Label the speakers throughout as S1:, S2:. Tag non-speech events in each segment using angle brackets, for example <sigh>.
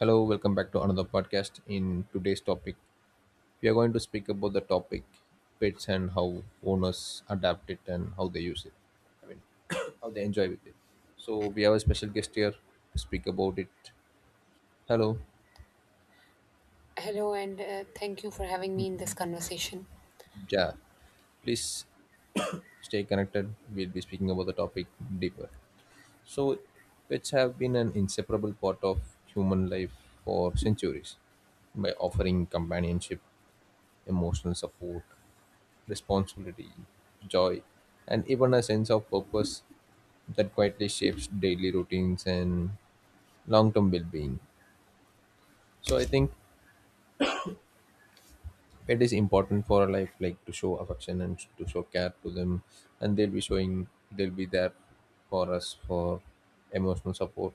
S1: Hello, welcome back to another podcast. In today's topic, we are going to speak about the topic pets and how owners adapt it and how they use it. I mean, <coughs> how they enjoy with it. So we have a special guest here to speak about it. Hello,
S2: Hello, and thank you for having me in this conversation.
S1: Ja. Please stay connected. We'll be speaking about the topic deeper. So pets have been an inseparable part of human life for centuries, by offering companionship, emotional support, responsibility, joy, and even a sense of purpose that quietly shapes daily routines and long term well being. So I think it is important for a life like to show affection and to show care to them, and they'll be there for us for emotional support.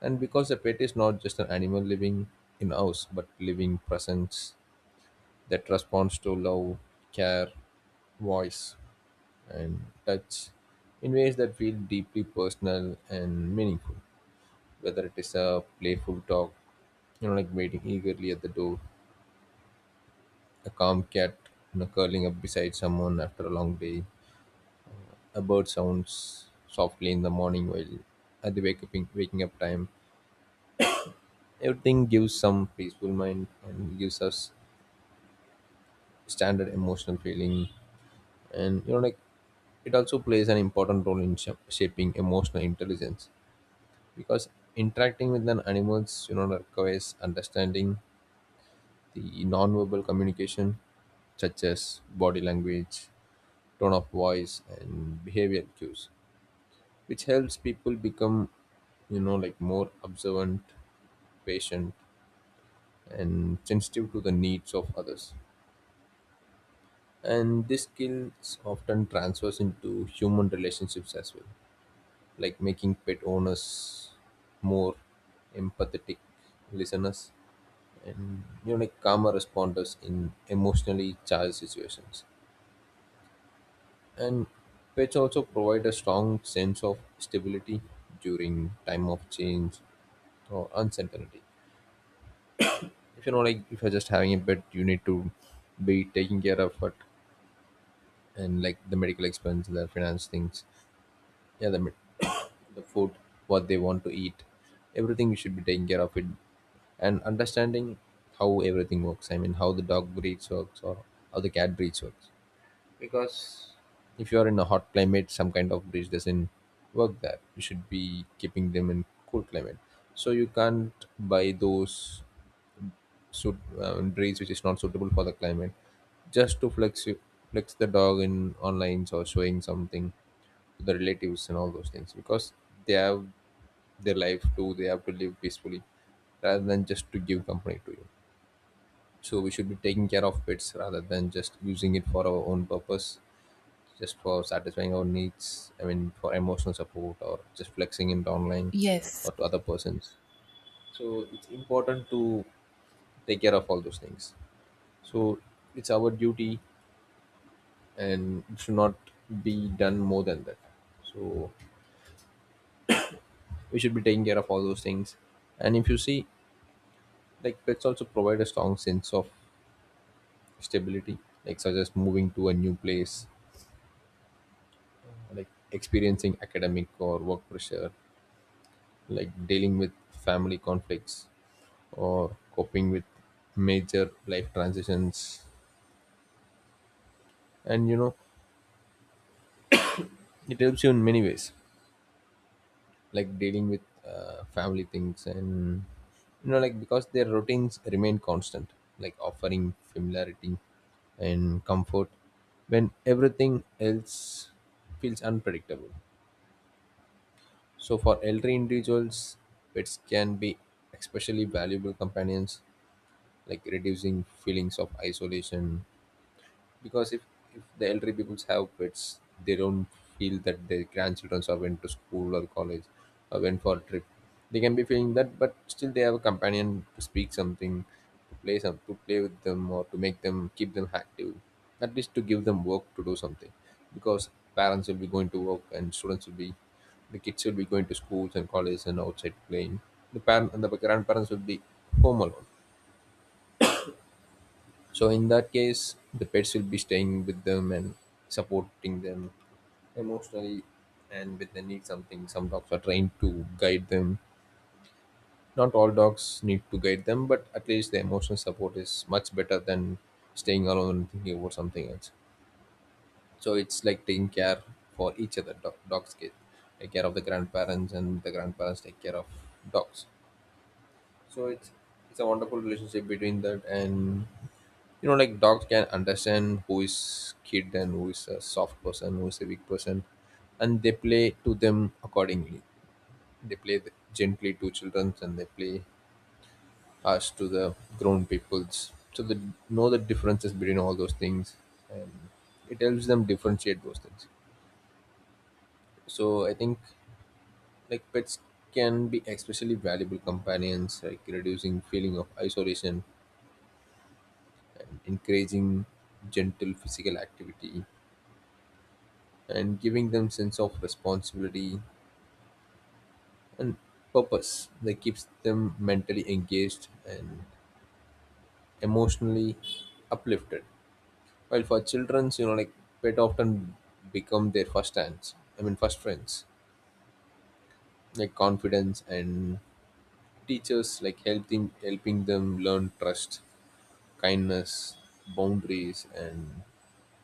S1: And because the pet is not just an animal living in house, but living presence that responds to love, care, voice, and touch in ways that feel deeply personal and meaningful. Whether it is a playful dog, like waiting eagerly at the door, a calm cat, curling up beside someone after a long day, a bird sounds softly in the morning while at the waking up time. Everything gives some peaceful mind and gives us standard emotional feeling, and it also plays an important role in shaping emotional intelligence, because interacting with an animals requires understanding the non-verbal communication, such as body language, tone of voice, and behavior cues, which helps people become more observant, patient, and sensitive to the needs of others. And this skills often transfers into human relationships as well, like making pet owners more empathetic listeners and calmer responders in emotionally charged situations. And pets also provide a strong sense of stability during time of change or uncertainty. If you're just having a pet, you need to be taking care of it, and like the medical expense, the finance things, yeah, <coughs> the food, what they want to eat, everything you should be taking care of it. And understanding how everything works. I mean, how the dog breeds works or how the cat breeds works. Because if you are in a hot climate, some kind of bridge doesn't work there. You should be keeping them in cool climate. So you can't buy those suit breeds which is not suitable for the climate, just to flex the dog in online or showing something to the relatives and all those things, because they have their life too. They have to live peacefully rather than just to give company to you. So we should be taking care of pets rather than just using it for our own purpose, just for satisfying our needs. I mean, for emotional support or just flexing it online
S2: Yes.
S1: or to other persons. So it's important to take care of all those things. So it's our duty, and it should not be done more than that. So we should be taking care of all those things. And if you see, like pets also provide a strong sense of stability, like such as moving to a new place, like experiencing academic or work pressure, like dealing with family conflicts, or coping with major life transitions. And it helps you in many ways, like dealing with family things. And because their routines remain constant, like offering familiarity and comfort when everything else feels unpredictable. So for elderly individuals, pets can be especially valuable companions, like reducing feelings of isolation. Because if the elderly people have pets, they don't feel that their grandchildren are went to school or college or went for a trip. They can be feeling that, but still they have a companion to speak something, to play with them, or to make them keep them active, at least to give them work to do something. Because parents will be going to work, and students will be the kids will be going to schools and colleges and outside playing. The parent and the grandparents will be home alone. So in that case, the pets will be staying with them and supporting them emotionally. And when they need something, some dogs are trained to guide them. Not all dogs need to guide them, but at least the emotional support is much better than staying alone and thinking about something else. So it's like taking care for each other. Dogs get take care of the grandparents, and the grandparents take care of dogs. So it's a wonderful relationship between that. And dogs can understand who is kid and who is a soft person, who is a weak person, and they play to them accordingly. They play gently to children, and they play harsh to the grown peoples, so they know the differences between all those things. And it helps them differentiate those things. So I think, like pets can be especially valuable companions, like reducing feeling of isolation, and encouraging gentle physical activity, and giving them sense of responsibility and purpose that keeps them mentally engaged and emotionally uplifted. While for children's, pet often become their first hands I mean first friends, like confidence and teachers, like helping them learn trust, kindness, boundaries, and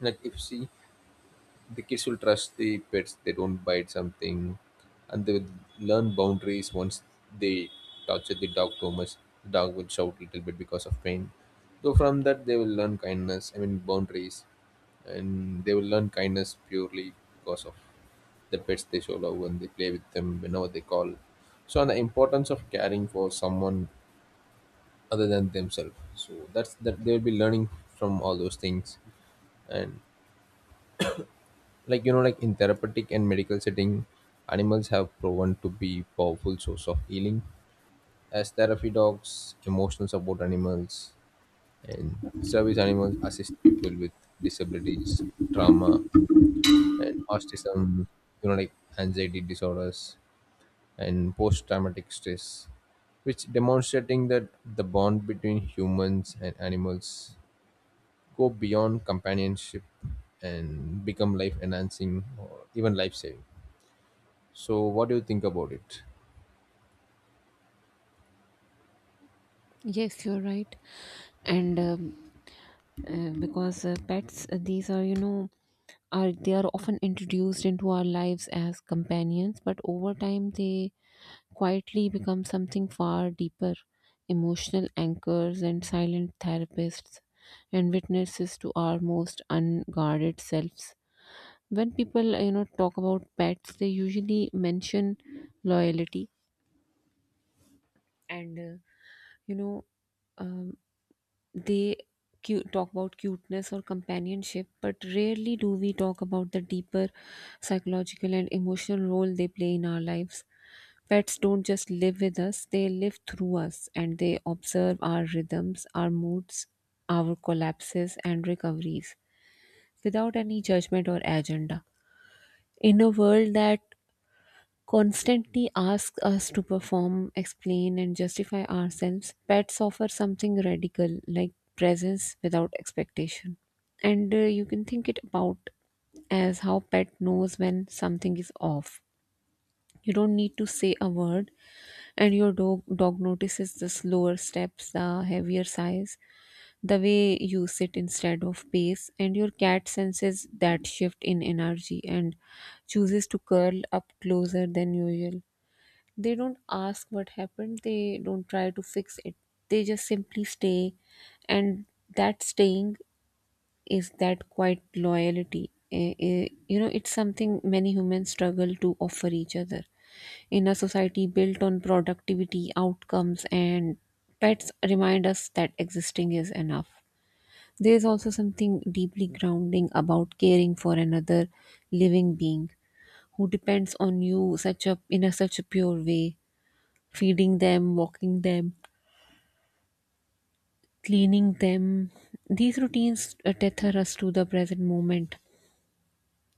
S1: like if she. The kids will trust the pets, they don't bite something. And they will learn boundaries. Once they torture the dog too much, the dog will shout a little bit because of pain. So from that they will learn kindness. I mean boundaries. And they will learn kindness purely because of the pets. They show love when they play with them, whenever they call. So and the importance of caring for someone other than themselves, so that's that they will be learning from all those things. And like in therapeutic and medical setting, animals have proven to be powerful source of healing, as therapy dogs, emotional support animals, and service animals assist people with disabilities, trauma, and autism, you know like anxiety disorders and post-traumatic stress, which demonstrating that the bond between humans and animals go beyond companionship and become life enhancing or even life saving. So, what do you think about it?
S2: Yes, you're right. And because pets, these are, you know, are they are often introduced into our lives as companions, but over time they quietly become something far deeper, emotional anchors and silent therapists and witnesses to our most unguarded selves. When people, talk about pets, they usually mention loyalty and you know um, they talk about cuteness or companionship, but rarely do we talk about the deeper psychological and emotional role they play in our lives. Pets don't just live with us, they live through us, and they observe our rhythms, our moods, our collapses and recoveries without any judgment or agenda. In a world that constantly ask us to perform, explain, and justify ourselves, pets offer something radical like presence without expectation. And you can think it about as how pet knows when something is off. You don't need to say a word, and your dog notices the slower steps, the heavier sighs, the way you sit instead of pace, and your cat senses that shift in energy and chooses to curl up closer than usual. They don't ask what happened, they don't try to fix it, they just simply stay, and that staying is that quite loyalty. You know, it's something many humans struggle to offer each other in a society built on productivity outcomes, and pets remind us that existing is enough. There is also something deeply grounding about caring for another living being who depends on you such a in a such a pure way, feeding them, walking them, cleaning them. These routines tether us to the present moment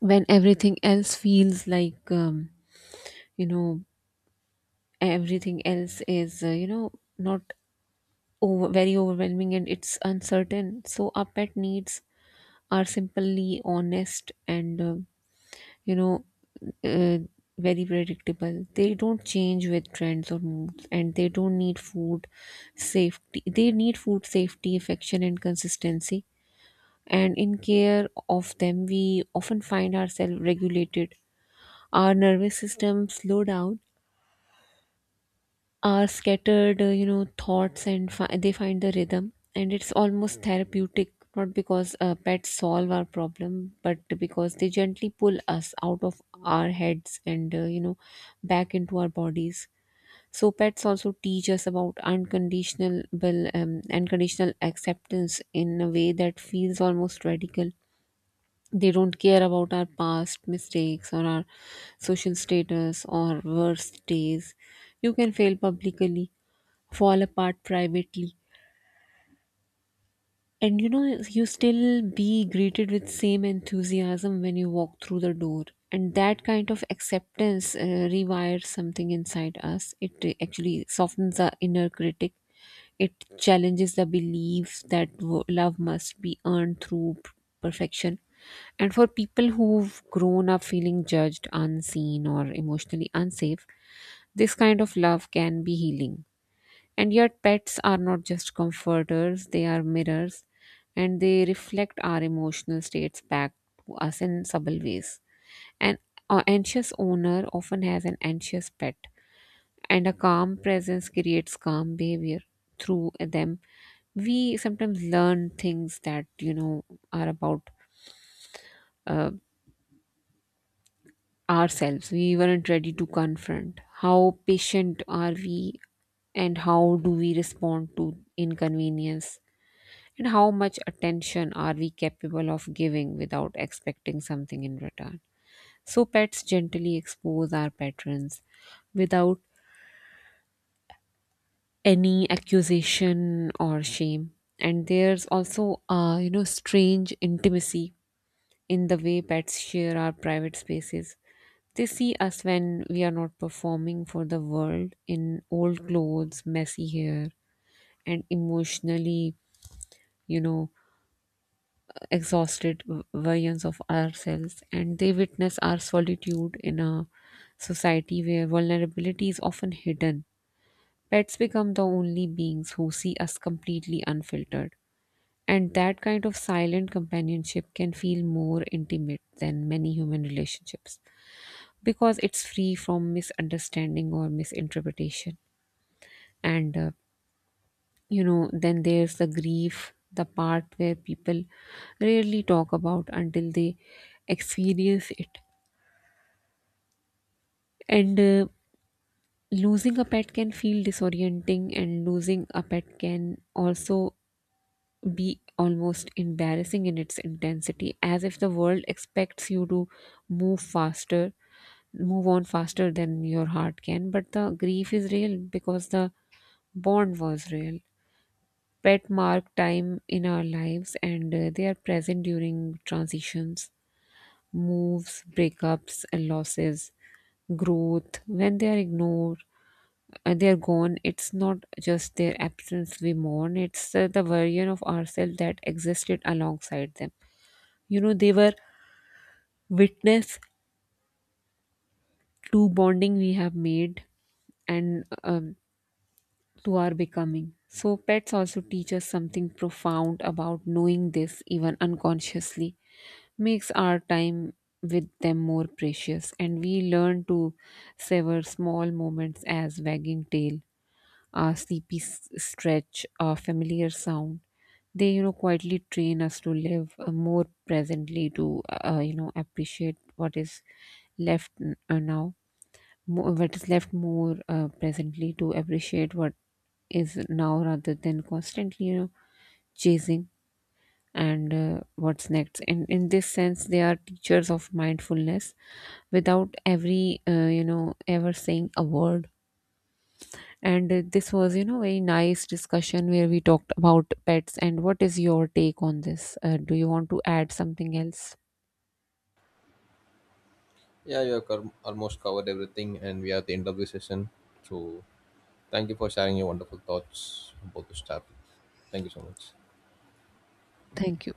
S2: when everything else feels like, you know, everything else is, you know, not over, very overwhelming, and it's uncertain. So our pet needs are simply honest and you know, uh, very predictable. They don't change with trends or moods, and they don't need food safety. They need food, safety, affection, and consistency. And in care of them, we often find ourselves regulated. Our nervous system slow down, are scattered, thoughts and they find the rhythm. And it's almost therapeutic, not because pets solve our problem, but because they gently pull us out of our heads and, back into our bodies. So pets also teach us about unconditional, unconditional acceptance in a way that feels almost radical. They don't care about our past mistakes or our social status or worst days. You can fail publicly, fall apart privately, and you know, you still be greeted with same enthusiasm when you walk through the door. And that kind of acceptance rewires something inside us. It actually softens the inner critic, it challenges the belief that love must be earned through perfection. And for people who've grown up feeling judged, unseen, or emotionally unsafe, this kind of love can be healing. And yet, pets are not just comforters, they are mirrors, and they reflect our emotional states back to us in subtle ways. An anxious owner often has an anxious pet, and a calm presence creates calm behavior through them. We sometimes learn things that you know are about uh, ourselves. We weren't ready to confront. How patient are we, and how do we respond to inconvenience? And how much attention are we capable of giving without expecting something in return? So, pets gently expose our patterns without any accusation or shame. And there's also, strange intimacy in the way pets share our private spaces. They see us when we are not performing for the world, in old clothes, messy hair, and emotionally, you know, exhausted versions of ourselves, and they witness our solitude in a society where vulnerability is often hidden. Pets become the only beings who see us completely unfiltered, and that kind of silent companionship can feel more intimate than many human relationships because it's free from misunderstanding or misinterpretation. And then there's the grief, the part where people rarely talk about until they experience it. And Losing a pet can feel disorienting, and losing a pet can also be almost embarrassing in its intensity, as if the world expects you to move faster move on faster than your heart can. But the grief is real because the bond was real. Pet mark time in our lives, and they are present during transitions, moves, breakups, and losses, growth. When they are ignored, they are gone. It's not just their absence we mourn, it's the version of ourselves that existed alongside them. You know, they were witness to bonding we have made, and to our becoming. So, pets also teach us something profound about knowing this, even unconsciously, makes our time with them more precious, and we learn to savor small moments as wagging tail, a sleepy stretch, a familiar sound. They, you know, quietly train us to live more presently, to appreciate what is left n- now, mo- what is left more presently, to appreciate what is now rather than constantly, you know, chasing and what's next. And in this sense they are teachers of mindfulness without every you know ever saying a word. And This was, you know, very nice discussion where we talked about pets. And what is your take on this? Do you want to add something else?
S1: Yeah, you have almost covered everything, and we are at the end of the session. So, thank you for sharing your wonderful thoughts about this topic. Thank you so much.
S2: Thank you.